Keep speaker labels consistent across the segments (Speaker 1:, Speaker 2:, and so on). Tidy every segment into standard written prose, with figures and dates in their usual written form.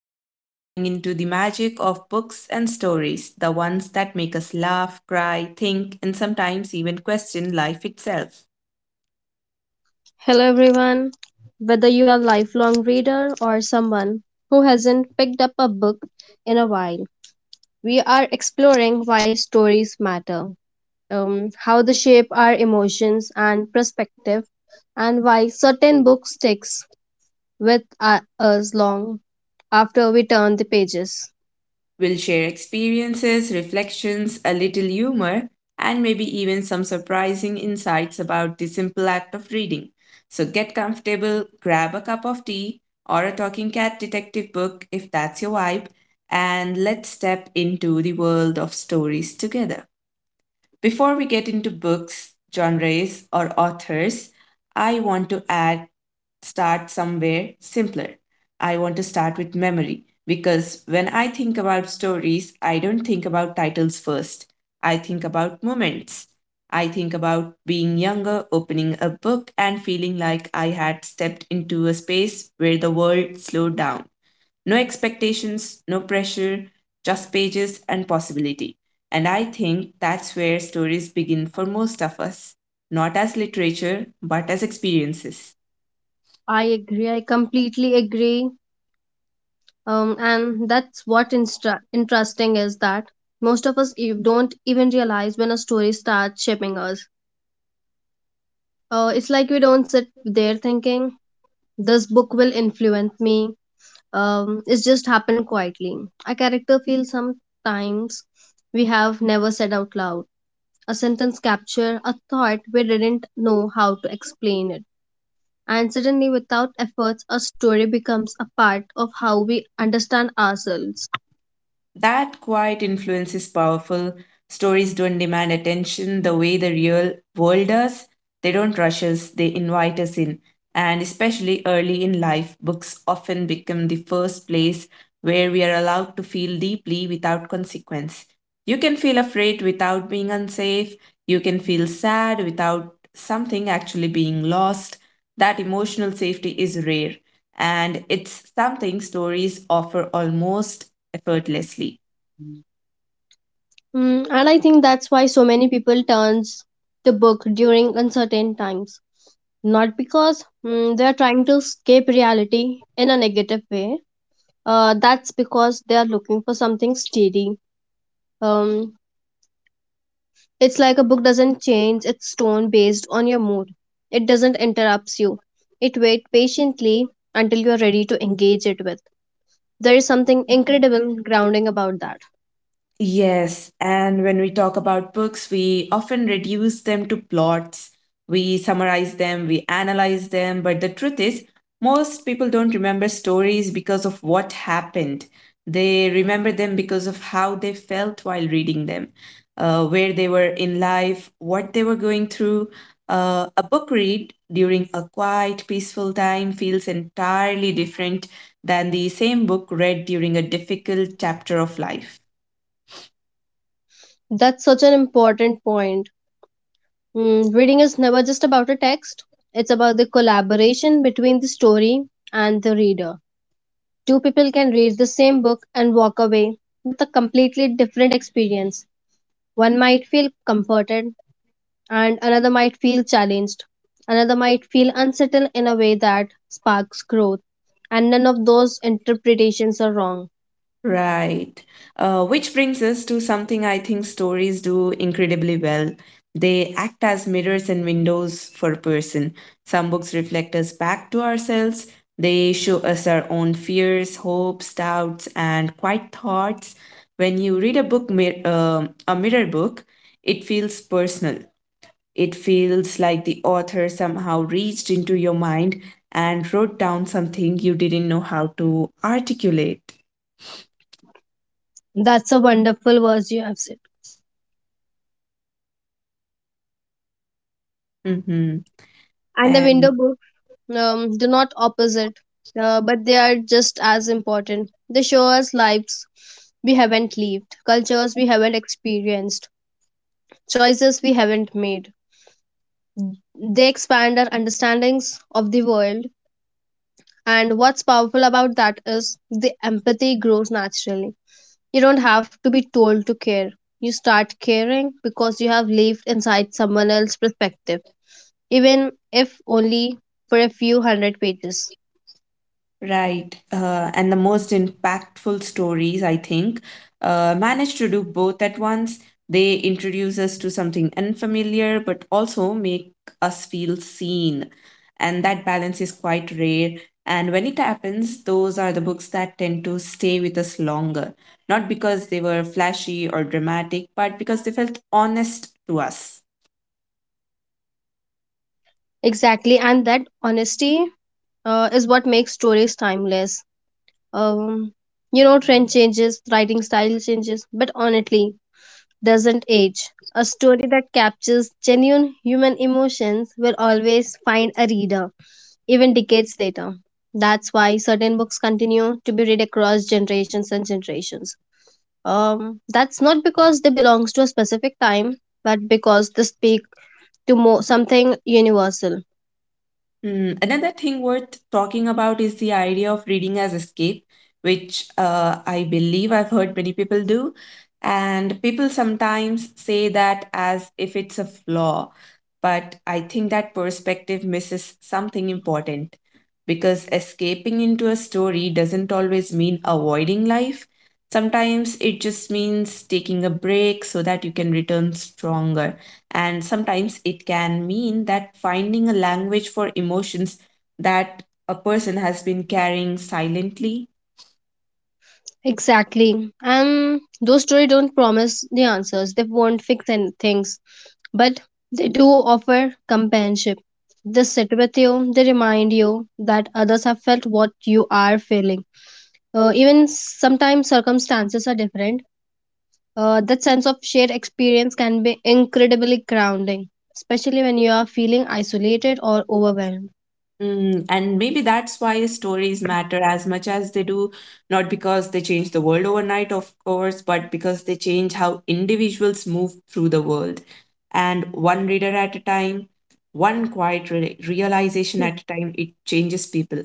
Speaker 1: Where we are diving into the magic of books and stories, the ones that make us laugh, cry, think, and sometimes even question life itself.
Speaker 2: Hello, everyone. Whether you are a lifelong reader or someone who hasn't picked up a book in a while, we are exploring why stories matter, how they shape our emotions and perspective, and why certain books sticks with us long after we turn the pages.
Speaker 1: We'll share experiences, reflections, a little humor, and maybe even some surprising insights about the simple act of reading. So get comfortable, grab a cup of tea or a talking cat detective book if that's your vibe, and let's step into the world of stories together. Before we get into books, genres, or authors, I want to add start somewhere simpler. I want to start with memory because when I think about stories, I don't think about titles first. I think about moments. I think about being younger, opening a book, and feeling like I had stepped into a space where the world slowed down. No expectations, no pressure, just pages and possibility. And I think that's where stories begin for most of us, not as literature, but as experiences.
Speaker 2: I agree. I completely agree. And that's what interesting is that most of us don't even realize when a story starts shaping us. It's like we don't sit there thinking, this book will influence me. It's just happened quietly. A character feels sometimes we have never said out loud. A sentence capture a thought we didn't know how to explain it. And suddenly, without efforts, a story becomes a part of how we understand ourselves.
Speaker 1: That quiet influence is powerful. Stories don't demand attention the way the real world does. They don't rush us, they invite us in. And especially early in life, books often become the first place where we are allowed to feel deeply without consequence. You can feel afraid without being unsafe. You can feel sad without something actually being lost. That emotional safety is rare. And it's something stories offer almost effortlessly.
Speaker 2: And I think that's why so many people turns to book during uncertain times. Not because they are trying to escape reality in a negative way. That's because they are looking for something steady. Um, it's like a book doesn't change its tone based on your mood. It doesn't interrupt you. It waits patiently until you are ready to engage it with. There is something incredible grounding about that.
Speaker 1: Yes, and when we talk about books, we often reduce them to plots. We summarize them, we analyze them, but the truth is, most people don't remember stories because of what happened. They remember them because of how they felt while reading them, where they were in life, what they were going through. A book read during a quiet, peaceful time feels entirely different than the same book read during a difficult chapter of life.
Speaker 2: That's such an important point. Reading is never just about a text, it's about the collaboration between the story and the reader. Two people can read the same book and walk away with a completely different experience. One might feel comforted, and another might feel challenged. Another might feel unsettled in a way that sparks growth. And none of those interpretations are wrong.
Speaker 1: Right. Which brings us to something I think stories do incredibly well. They act as mirrors and windows for a person. Some books reflect us back to ourselves. They show us our own fears, hopes, doubts, and quiet thoughts. When you read a book, a mirror book, it feels personal. It feels like the author somehow reached into your mind and wrote down something you didn't know how to articulate.
Speaker 2: That's a wonderful verse you have said.
Speaker 1: hmm
Speaker 2: And the window
Speaker 1: And
Speaker 2: book. Do not opposite, but they are just as important. They show us lives we haven't lived, cultures we haven't experienced, choices we haven't made. They expand our understandings of the world, and what's powerful about that is the empathy grows naturally. You don't have to be told to care. You start caring because you have lived inside someone else's perspective, even if only for a few hundred pages.
Speaker 1: right. And the most impactful stories, I think, manage to do both at once. They introduce us to something unfamiliar, but also make us feel seen. And that balance is quite rare. And when it happens, those are the books that tend to stay with us longer. Not because they were flashy or dramatic, but because they felt honest to us.
Speaker 2: Exactly, and that honesty is what makes stories timeless. Um, you know, trend changes, writing style changes, but honestly, doesn't age. A story that captures genuine human emotions will always find a reader, even decades later. That's why certain books continue to be read across generations and generations. That's not because they belong to a specific time, but because they speak to more, something universal.
Speaker 1: Mm, another thing worth talking about is the idea of reading as escape, which I believe I've heard many people do. And people sometimes say that as if it's a flaw, but I think that perspective misses something important because escaping into a story doesn't always mean avoiding life. Sometimes it just means taking a break so that you can return stronger. And sometimes it can mean that finding a language for emotions that a person has been carrying silently.
Speaker 2: Exactly. And those stories don't promise the answers. They won't fix any things, but they do offer companionship. They sit with you, they remind you that others have felt what you are feeling. Even sometimes circumstances are different. That sense of shared experience can be incredibly grounding, especially when you are feeling isolated or overwhelmed.
Speaker 1: Mm, and maybe that's why stories matter as much as they do, not because they change the world overnight, of course, but because they change how individuals move through the world. And one reader at a time, realization at a time, it changes people.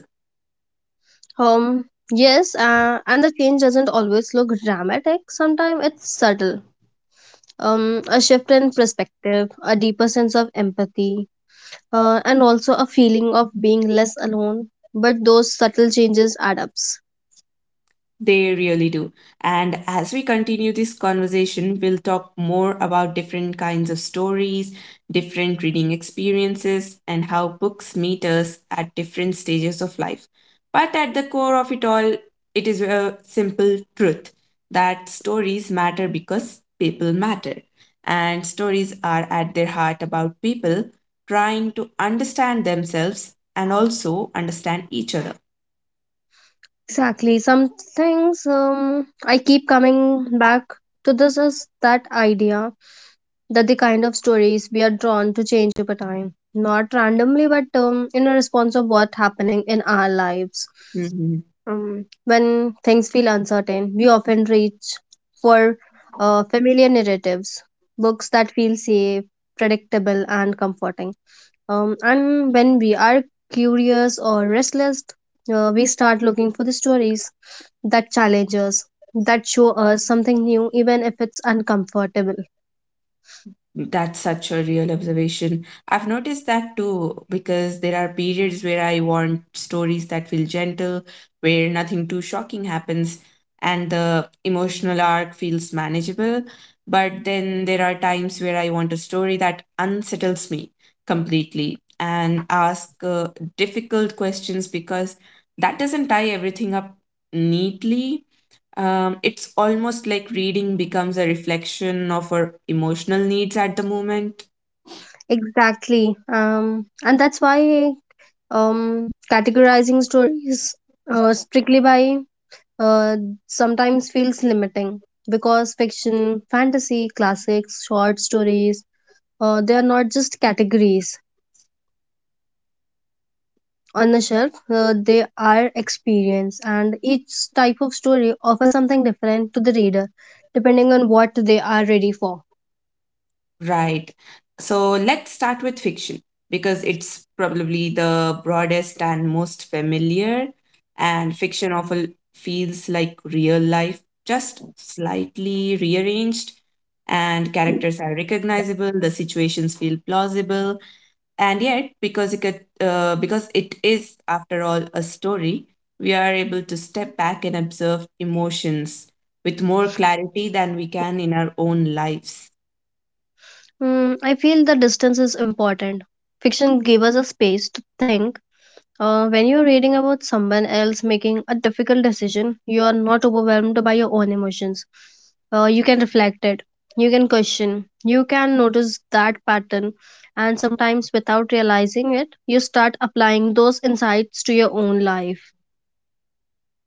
Speaker 2: Um, yes, and the change doesn't always look dramatic, sometimes it's subtle. A shift in perspective, a deeper sense of empathy, and also a feeling of being less alone. But those subtle changes add up.
Speaker 1: They really do. And as we continue this conversation, we'll talk more about different kinds of stories, different reading experiences, and how books meet us at different stages of life. But at the core of it all, it is a simple truth that stories matter because people matter. And stories are at their heart about people trying to understand themselves and also understand each other.
Speaker 2: Exactly. Some things, I keep coming back to this is that idea that the kind of stories we are drawn to change over time, not randomly, but in a response of what's happening in our lives. When things feel uncertain, we often reach for familiar narratives, books that feel safe, predictable, and comforting. And when we are curious or restless, we start looking for the stories that challenge us, that show us something new, even if it's uncomfortable.
Speaker 1: That's such a real observation. I've noticed that too, because there are periods where I want stories that feel gentle, where nothing too shocking happens, and the emotional arc feels manageable. But then there are times where I want a story that unsettles me completely and ask difficult questions because that doesn't tie everything up neatly. Um, it's almost like reading becomes a reflection of our emotional needs at the moment.
Speaker 2: Exactly. And that's why categorizing stories strictly by uh, sometimes feels limiting because fiction, fantasy, classics, short stories, they are not just categories on the shelf, they are experience, and each type of story offers something different to the reader depending on what they are ready for.
Speaker 1: Right. So let's start with fiction because it's probably the broadest and most familiar, and fiction often feels like real life, just slightly rearranged, and characters are recognizable, the situations feel plausible, and yet because it is after all a story we are able to step back and observe emotions with more clarity than we can in our own lives.
Speaker 2: Mm, I feel the distance is important. Fiction gave us a space to think. When you're reading about someone else making a difficult decision, you are not overwhelmed by your own emotions. You can reflect it, you can question, you can notice that pattern, and sometimes without realizing it, you start applying those insights to your own life.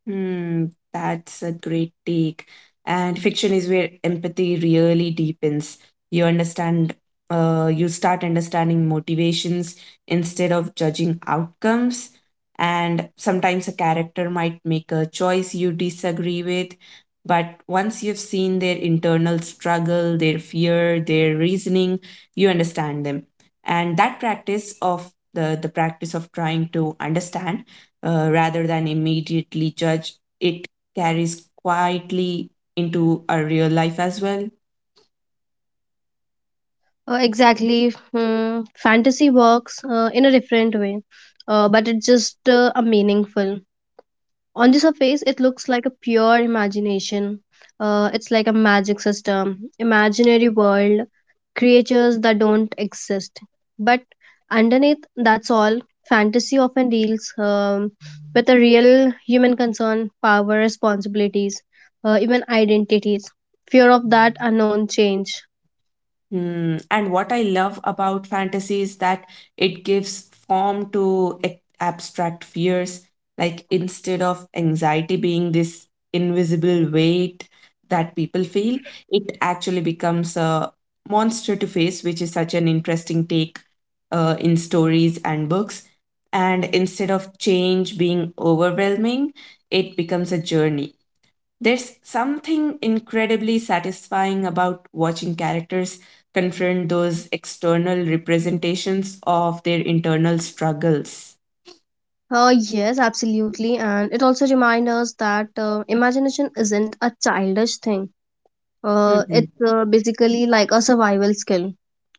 Speaker 1: Hmm, that's a great take. And fiction is where empathy really deepens. You understand, you start understanding motivations instead of judging outcomes. And sometimes a character might make a choice you disagree with, but once you've seen their internal struggle, their fear, their reasoning, you understand them. And that practice of the practice of trying to understand rather than immediately judge, it carries quietly into our real life as well.
Speaker 2: Exactly. Fantasy works in a different way, but it's just a meaningful. On the surface it looks like a pure imagination. It's like a magic system, imaginary world, creatures that don't exist, but underneath that's all. Fantasy often deals with the real human concern, power, responsibilities, even identities, fear of that unknown change.
Speaker 1: Hmm. And what I love about fantasy is that it gives form to abstract fears. Like instead of anxiety being this invisible weight that people feel, it actually becomes a monster to face, which is such an interesting take in stories and books. And instead of change being overwhelming, it becomes a journey. There's something incredibly satisfying about watching characters confront those external representations of their internal struggles.
Speaker 2: Yes, absolutely, and it also reminds us that imagination isn't a childish thing. It's basically like a survival skill.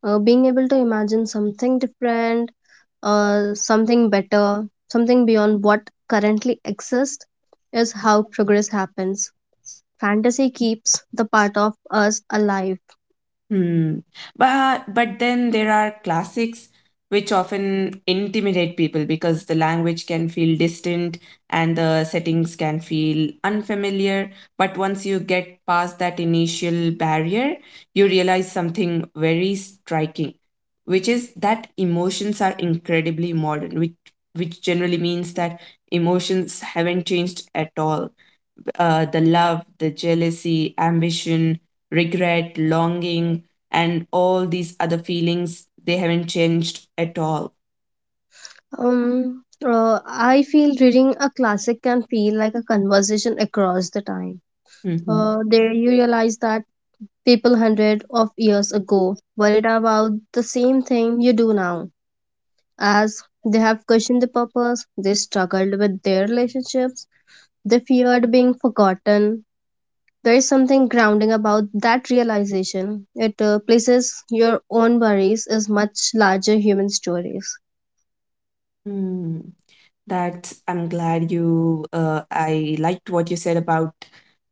Speaker 2: Being able to imagine something different, something better, something beyond what currently exists is how progress happens. Fantasy keeps the part of us alive.
Speaker 1: Hmm. But then there are classics which often intimidate people because the language can feel distant and the settings can feel unfamiliar. But once you get past that initial barrier, you realize something very striking, which is that emotions are incredibly modern, which generally means that emotions haven't changed at all. The love, the jealousy, ambition, regret, longing, and all these other feelings, they haven't changed at all.
Speaker 2: I feel reading a classic can feel like a conversation across the time.
Speaker 1: Mhm.
Speaker 2: There you realize that people hundred of years ago worried about the same thing you do now. As they have questioned the purpose, they struggled with their relationships, they feared being forgotten. There is something grounding about that realization. It places your own worries as much larger human stories.
Speaker 1: Hmm. That I'm glad you, I liked what you said about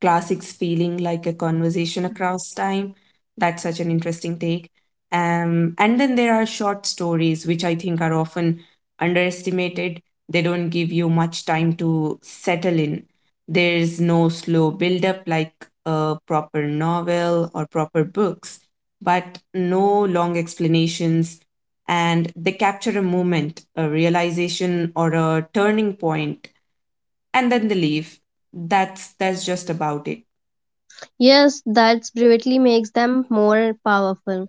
Speaker 1: classics feeling like a conversation across time. That's such an interesting take. And then there are short stories, which I think are often underestimated. They don't give you much time to settle in. There's no slow build-up like a proper novel or proper books, but no long explanations and they capture a moment, a realization, or a turning point, and then they leave. That's just about it.
Speaker 2: Yes, that brevity makes them more powerful.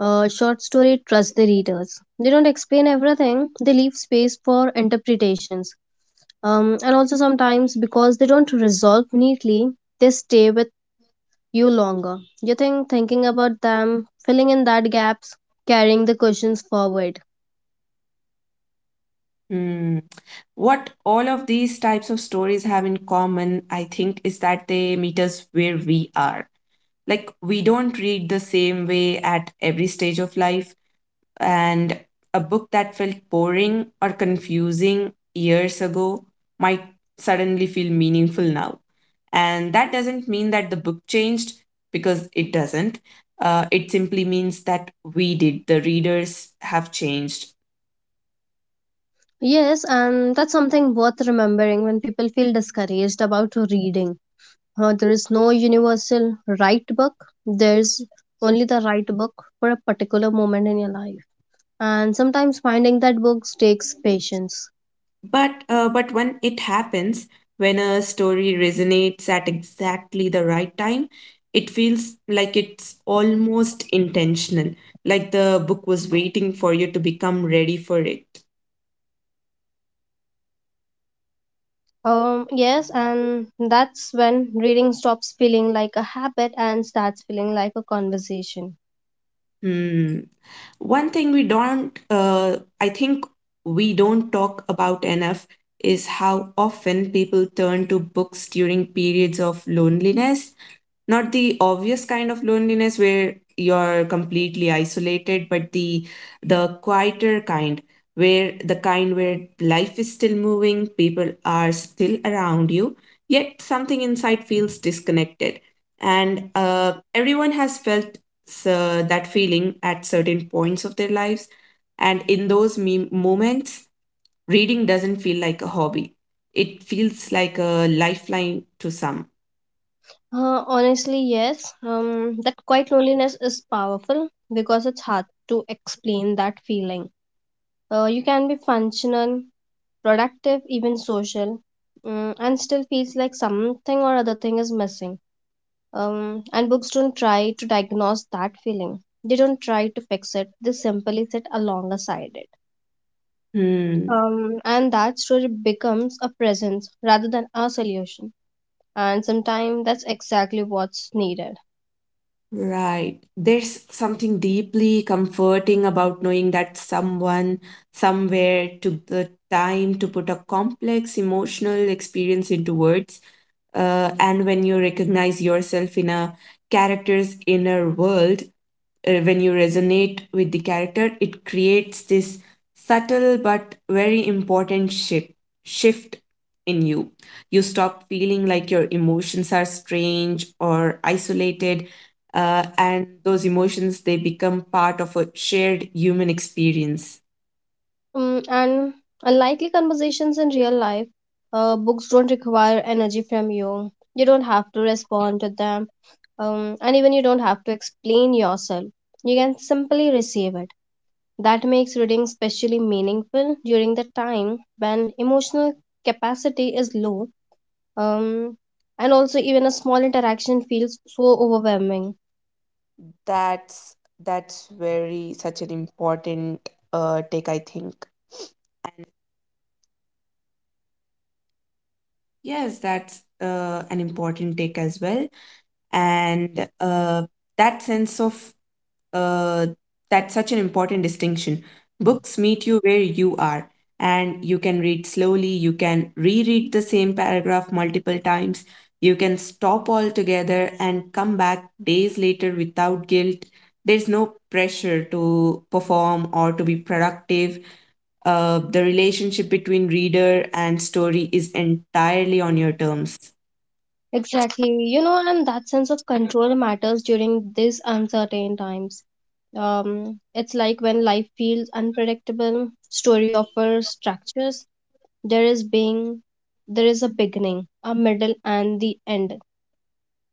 Speaker 2: A short story trusts the readers. They don't explain everything, they leave space for interpretations. And also, sometimes because they don't resolve neatly, they stay with you longer. You think thinking about them, filling in that gaps, carrying the questions forward.
Speaker 1: Hmm. What all of these types of stories have in common, I think, is that they meet us where we are. Like we don't read the same way at every stage of life. And a book that felt boring or confusing years ago might suddenly feel meaningful now. And that doesn't mean that the book changed because it doesn't. It simply means that we did, the readers have changed.
Speaker 2: Yes, and that's something worth remembering when people feel discouraged about reading. There is no universal right book. There's only the right book for a particular moment in your life. And sometimes finding that book takes patience.
Speaker 1: But when it happens, when a story resonates at exactly the right time, it feels like it's almost intentional, like the book was waiting for you to become ready for it.
Speaker 2: Yes, and that's when reading stops feeling like a habit and starts feeling like a conversation.
Speaker 1: Hmm. One thing we don't, I think we don't talk about enough is how often people turn to books during periods of loneliness. Not the obvious kind of loneliness where you're completely isolated, but the quieter kind, where the kind where life is still moving, people are still around you, yet something inside feels disconnected. And everyone has felt that feeling at certain points of their lives. And in those moments, reading doesn't feel like a hobby. It feels like a lifeline to some.
Speaker 2: Honestly, yes. That quiet loneliness is powerful because it's hard to explain that feeling. You can be functional, productive, even social, and still feels like something or other thing is missing. And books don't try to diagnose that feeling. They don't try to fix it. They simply sit alongside it.
Speaker 1: Hmm.
Speaker 2: And that story becomes a presence rather than a solution. And sometimes that's exactly what's needed.
Speaker 1: Right. There's something deeply comforting about knowing that someone somewhere took the time to put a complex emotional experience into words. And when you recognize yourself in a character's inner world, when you resonate with the character, it creates this subtle but very important shift in you. You stop feeling like your emotions are strange or isolated, and those emotions they become part of a shared human experience.
Speaker 2: Mm, and unlikely conversations in real life, books don't require energy from you. You don't have to respond to them, and even you don't have to explain yourself. You can simply receive it. That makes reading especially meaningful during the time when emotional capacity is low, um, and also even a small interaction feels so overwhelming.
Speaker 1: Yes, that's an important take as well. And that sense of uh, that's such an important distinction. Books meet you where you are, and you can read slowly, you can reread the same paragraph multiple times, you can stop altogether and come back days later without guilt. There's no pressure to perform or to be productive. The relationship between reader and story is entirely on your terms.
Speaker 2: Exactly. You know, and that sense of control matters during these uncertain times. It's like when life feels unpredictable, story offers structures. There is being, there is a beginning, a middle, and the end.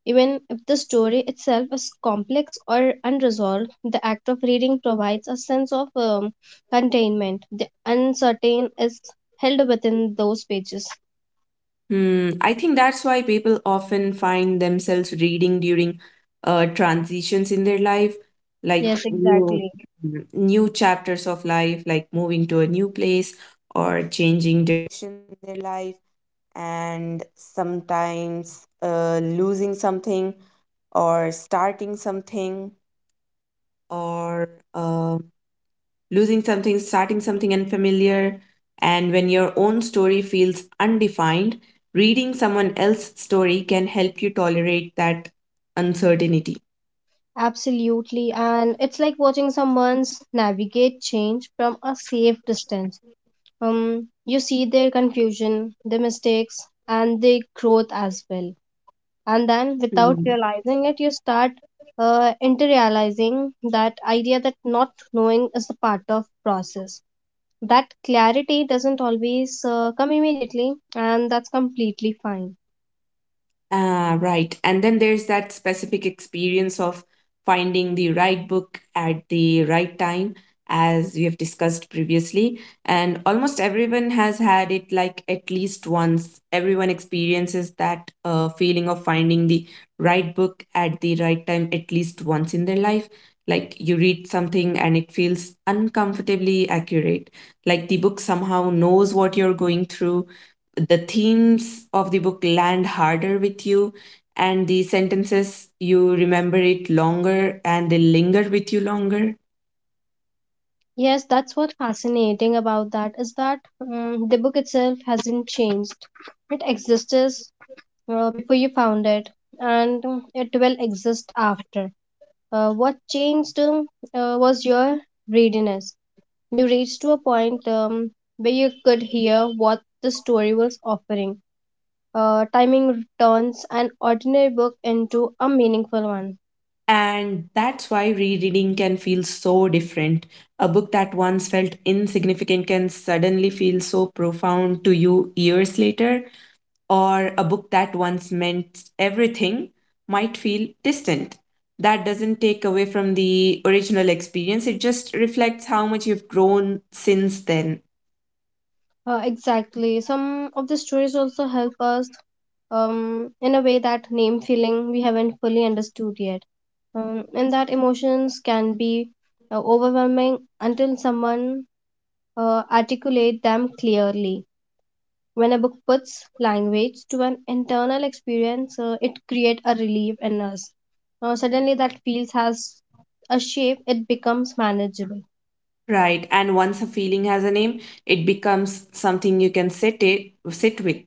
Speaker 2: Even if the story itself is complex or unresolved, the act of reading provides a sense of containment. The uncertain is held within those pages.
Speaker 1: Hmm, I think that's why people often find themselves reading during transitions in their life, like
Speaker 2: Yes,
Speaker 1: new,
Speaker 2: exactly.
Speaker 1: new chapters of life, like moving to a new place or changing something, starting something unfamiliar, and when your own story feels undefined, reading someone else's story can help you tolerate that uncertainty.
Speaker 2: Absolutely. And it's like watching someone navigate change from a safe distance. You see their confusion, their mistakes, and their growth as well. And then, without
Speaker 1: Hmm.
Speaker 2: realizing it, you start interiorizing that idea that not knowing is a part of process. That clarity doesn't always come immediately, and that's completely fine.
Speaker 1: Ah, right. And then there's that specific experience of finding the right book at the right time, as we have discussed previously. And almost everyone has had it, like, at least once. Everyone experiences that feeling of finding the right book at the right time at least once in their life. Like you read something and it feels uncomfortably accurate. Like the book somehow knows what you're going through, the themes of the book land harder with you, and the sentences, you remember it longer and they linger with you longer.
Speaker 2: Yes, that's what's fascinating about that is that, the book itself hasn't changed. It exists before you found it, and it will exist after. What changed was your readiness. You reached to a point where you could hear what the story was offering. Timing turns an ordinary book into a meaningful one.
Speaker 1: And that's why rereading can feel so different. A book that once felt insignificant can suddenly feel so profound to you years later, or a book that once meant everything might feel distant. That doesn't take away from the original experience, it just reflects how much you've grown since then.
Speaker 2: Exactly. Some of the stories also help us in a way that name feeling we haven't fully understood yet. And that emotions can be overwhelming until someone articulate them clearly. When a book puts language to an internal experience, it creates a relief in us. Suddenly, that feels has a shape, it becomes manageable.
Speaker 1: Right, and once a feeling has a name, it becomes something you can sit with,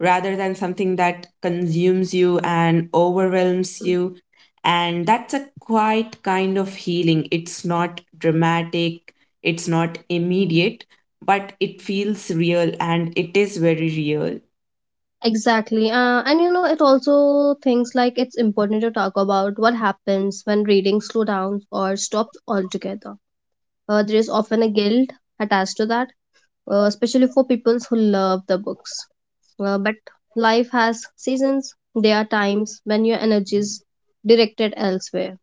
Speaker 1: rather than something that consumes you and overwhelms you. And that's a quite kind of healing. It's not dramatic, it's not immediate, but it feels real and it is very real.
Speaker 2: Exactly. And you know, it also thinks like it's important to talk about what happens when reading slow down or stops altogether. There is often a guilt attached to that, especially for people who love the books. But life has seasons, there are times when your energy is directed elsewhere.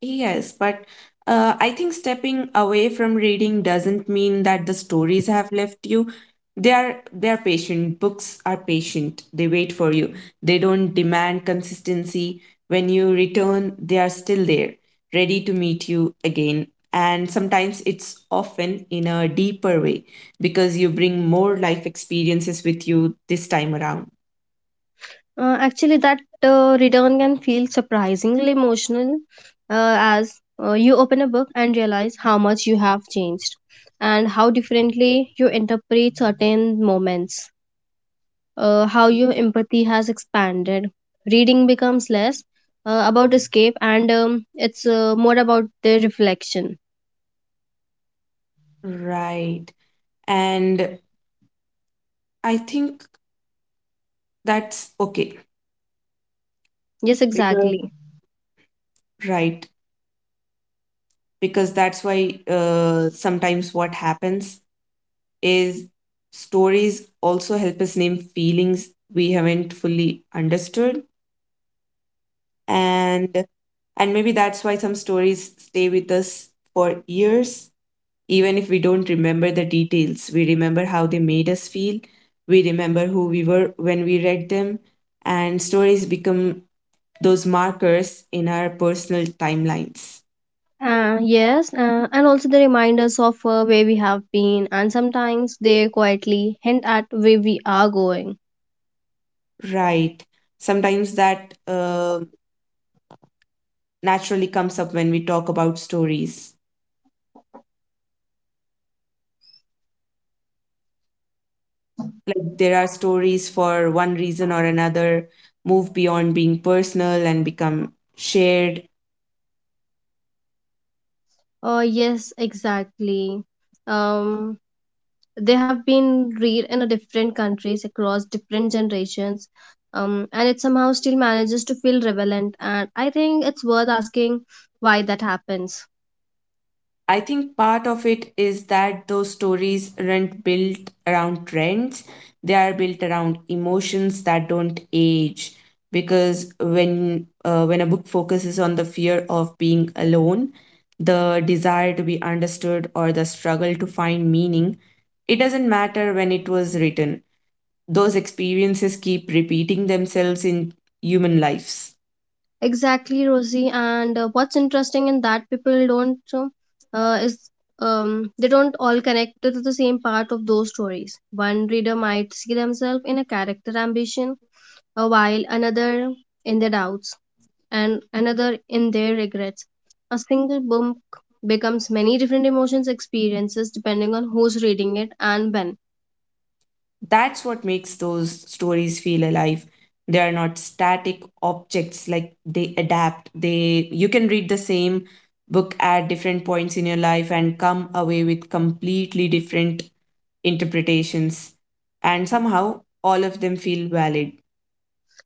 Speaker 1: Yes, but I think stepping away from reading doesn't mean that the stories have left you. They are patient. Books are patient. They wait for you. They don't demand consistency. When you return, they are still there, ready to meet you again. And sometimes it's often in a deeper way, because you bring more life experiences with you this time around.
Speaker 2: Actually, that return can feel surprisingly emotional as you open a book and realize how much you have changed and how differently you interpret certain moments, how your empathy has expanded. Reading becomes less about escape and it's more about the reflection.
Speaker 1: Right. And I think that's okay,
Speaker 2: Yes,
Speaker 1: because
Speaker 2: exactly.
Speaker 1: right, because that's why sometimes what happens is stories also help us name feelings we haven't fully understood. and and maybe that's why some stories stay with us for years. Even if we don't remember the details, we remember how they made us feel, we remember who we were when we read them, and stories become those markers in our personal timelines.
Speaker 2: Yes, and also they remind us of where we have been, and sometimes they quietly hint at where we are going.
Speaker 1: Right. Sometimes that naturally comes up when we talk about stories. Like there are stories for one reason or another move beyond being personal and become shared.
Speaker 2: Yes, exactly. Um, they have been read in a different countries across different generations, and it somehow still manages to feel relevant. And I think it's worth asking why that happens.
Speaker 1: I think part of it is that those stories aren't built around trends, they are built around emotions that don't age. Because when a book focuses on the fear of being alone, the desire to be understood, or the struggle to find meaning, it doesn't matter when it was written. Those experiences keep repeating themselves in human lives.
Speaker 2: Exactly, Rosie. And what's interesting in that people don't is they don't all connect to the same part of those stories. One reader might see themselves in a character ambition, while another in their doubts and another in their regrets. A single book becomes many different emotions experiences depending on who's reading it and when.
Speaker 1: That's what makes those stories feel alive. They are not static objects, like they adapt. They, you can read the same book at different points in your life and come away with completely different interpretations, and somehow all of them feel valid.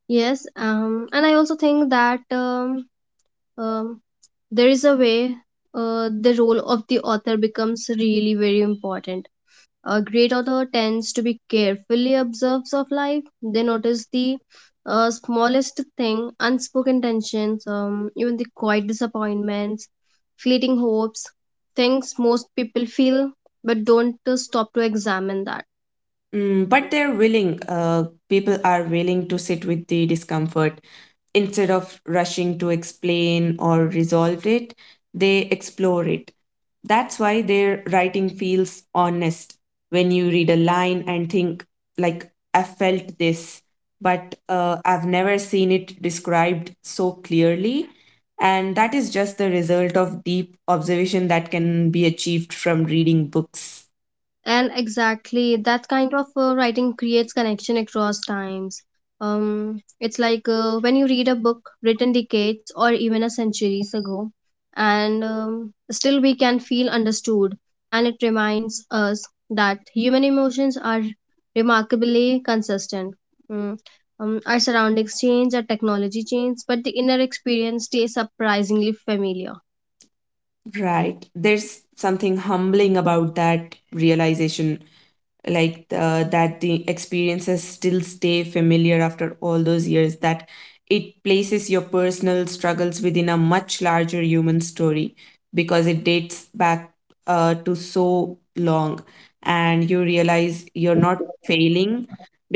Speaker 2: Yes, and I also think that um, there is a way the role of the author becomes really very important. A great author tends to be carefully observed of life. They notice the smallest thing, unspoken tensions, even the quiet disappointments, fleeting hopes, things most people feel but don't stop to examine that.
Speaker 1: Mm, but they're willing, people are willing to sit with the discomfort instead of rushing to explain or resolve it, they explore it. That's why their writing feels honest, when you read a line and think, like, I felt this, but I've never seen it described so clearly. And that is just the result of deep observation that can be achieved from reading books.
Speaker 2: And exactly that kind of writing creates connection across times. It's like when you read a book written decades or even a centuries ago, and still we can feel understood. And it reminds us that human emotions are remarkably consistent. Mm. Our surroundings change, our technology changes, but the inner experience stays surprisingly familiar.
Speaker 1: Right. There's something humbling about that realization. Like that the experiences still stay familiar after all those years, that it places your personal struggles within a much larger human story, because it dates back to so long, and you realize you're not failing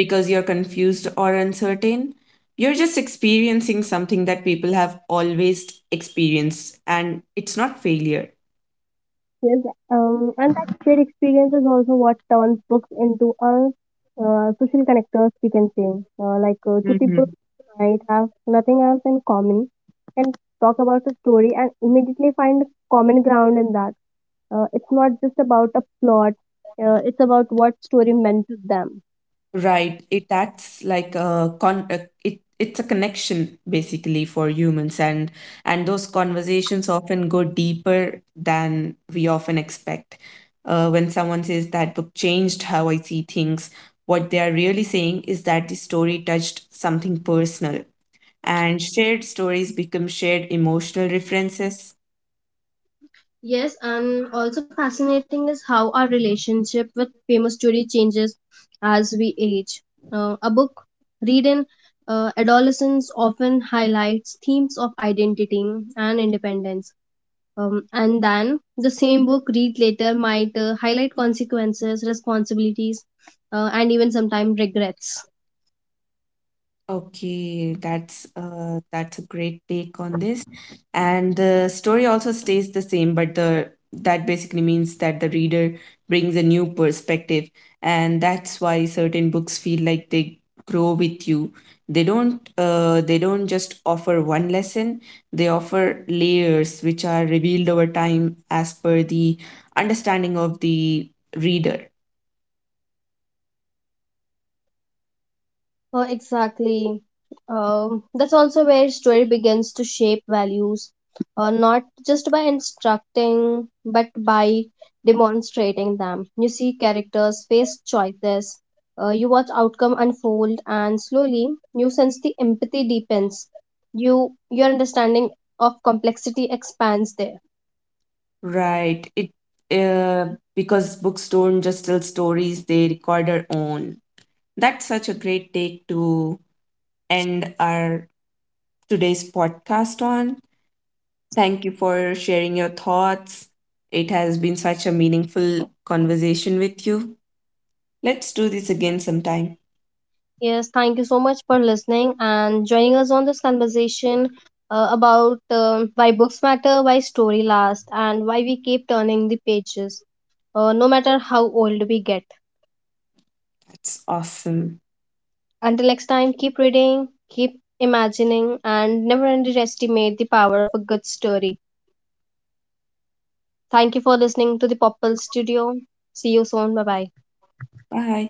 Speaker 1: because you're confused or uncertain, you're just experiencing something that people have always experienced, and it's not failure.
Speaker 2: Yes, and that shared experience is also what turns books into a social connectors, we can say. Like two people
Speaker 1: Mhm.
Speaker 2: who might have nothing else in common can talk about a story and immediately find common ground in that. It's not just about a plot, it's about what story meant to them.
Speaker 1: Right. It acts like a con it, it's a connection basically for humans, and those conversations often go deeper than we often expect. When someone says that book changed how I see things, what they are really saying is that the story touched something personal, and shared stories become shared emotional references.
Speaker 2: Yes, and also fascinating is how our relationship with famous story changes as we age. A book read in adolescence often highlights themes of identity and independence. And then the same book read later might highlight consequences, responsibilities, and even sometimes regrets.
Speaker 1: Okay, that's a great take on this. And the story also stays the same, but the, that basically means that the reader brings a new perspective, and that's why certain books feel like they grow with you. They don't just offer one lesson, they offer layers which are revealed over time as per the understanding of the reader.
Speaker 2: Exactly. That's also where story begins to shape values, not just by instructing, but by demonstrating them. You see characters face choices, you watch outcome unfold, and slowly you sense the empathy deepens. You your understanding of complexity expands there.
Speaker 1: Right. It Because books don't just tell stories, they record their own. That's such a great take to end our today's podcast on. Thank you for sharing your thoughts. It has been such a meaningful conversation with you. Let's do this again sometime.
Speaker 2: Yes, thank you so much for listening and joining us on this conversation about why books matter, why story lasts, and why we keep turning the pages, no matter how old we get.
Speaker 1: That's awesome.
Speaker 2: Until next time, keep reading, keep imagining, and never underestimate the power of a good story. Thank you for listening to the Popple Studio. See you soon. Bye bye.
Speaker 1: Bye.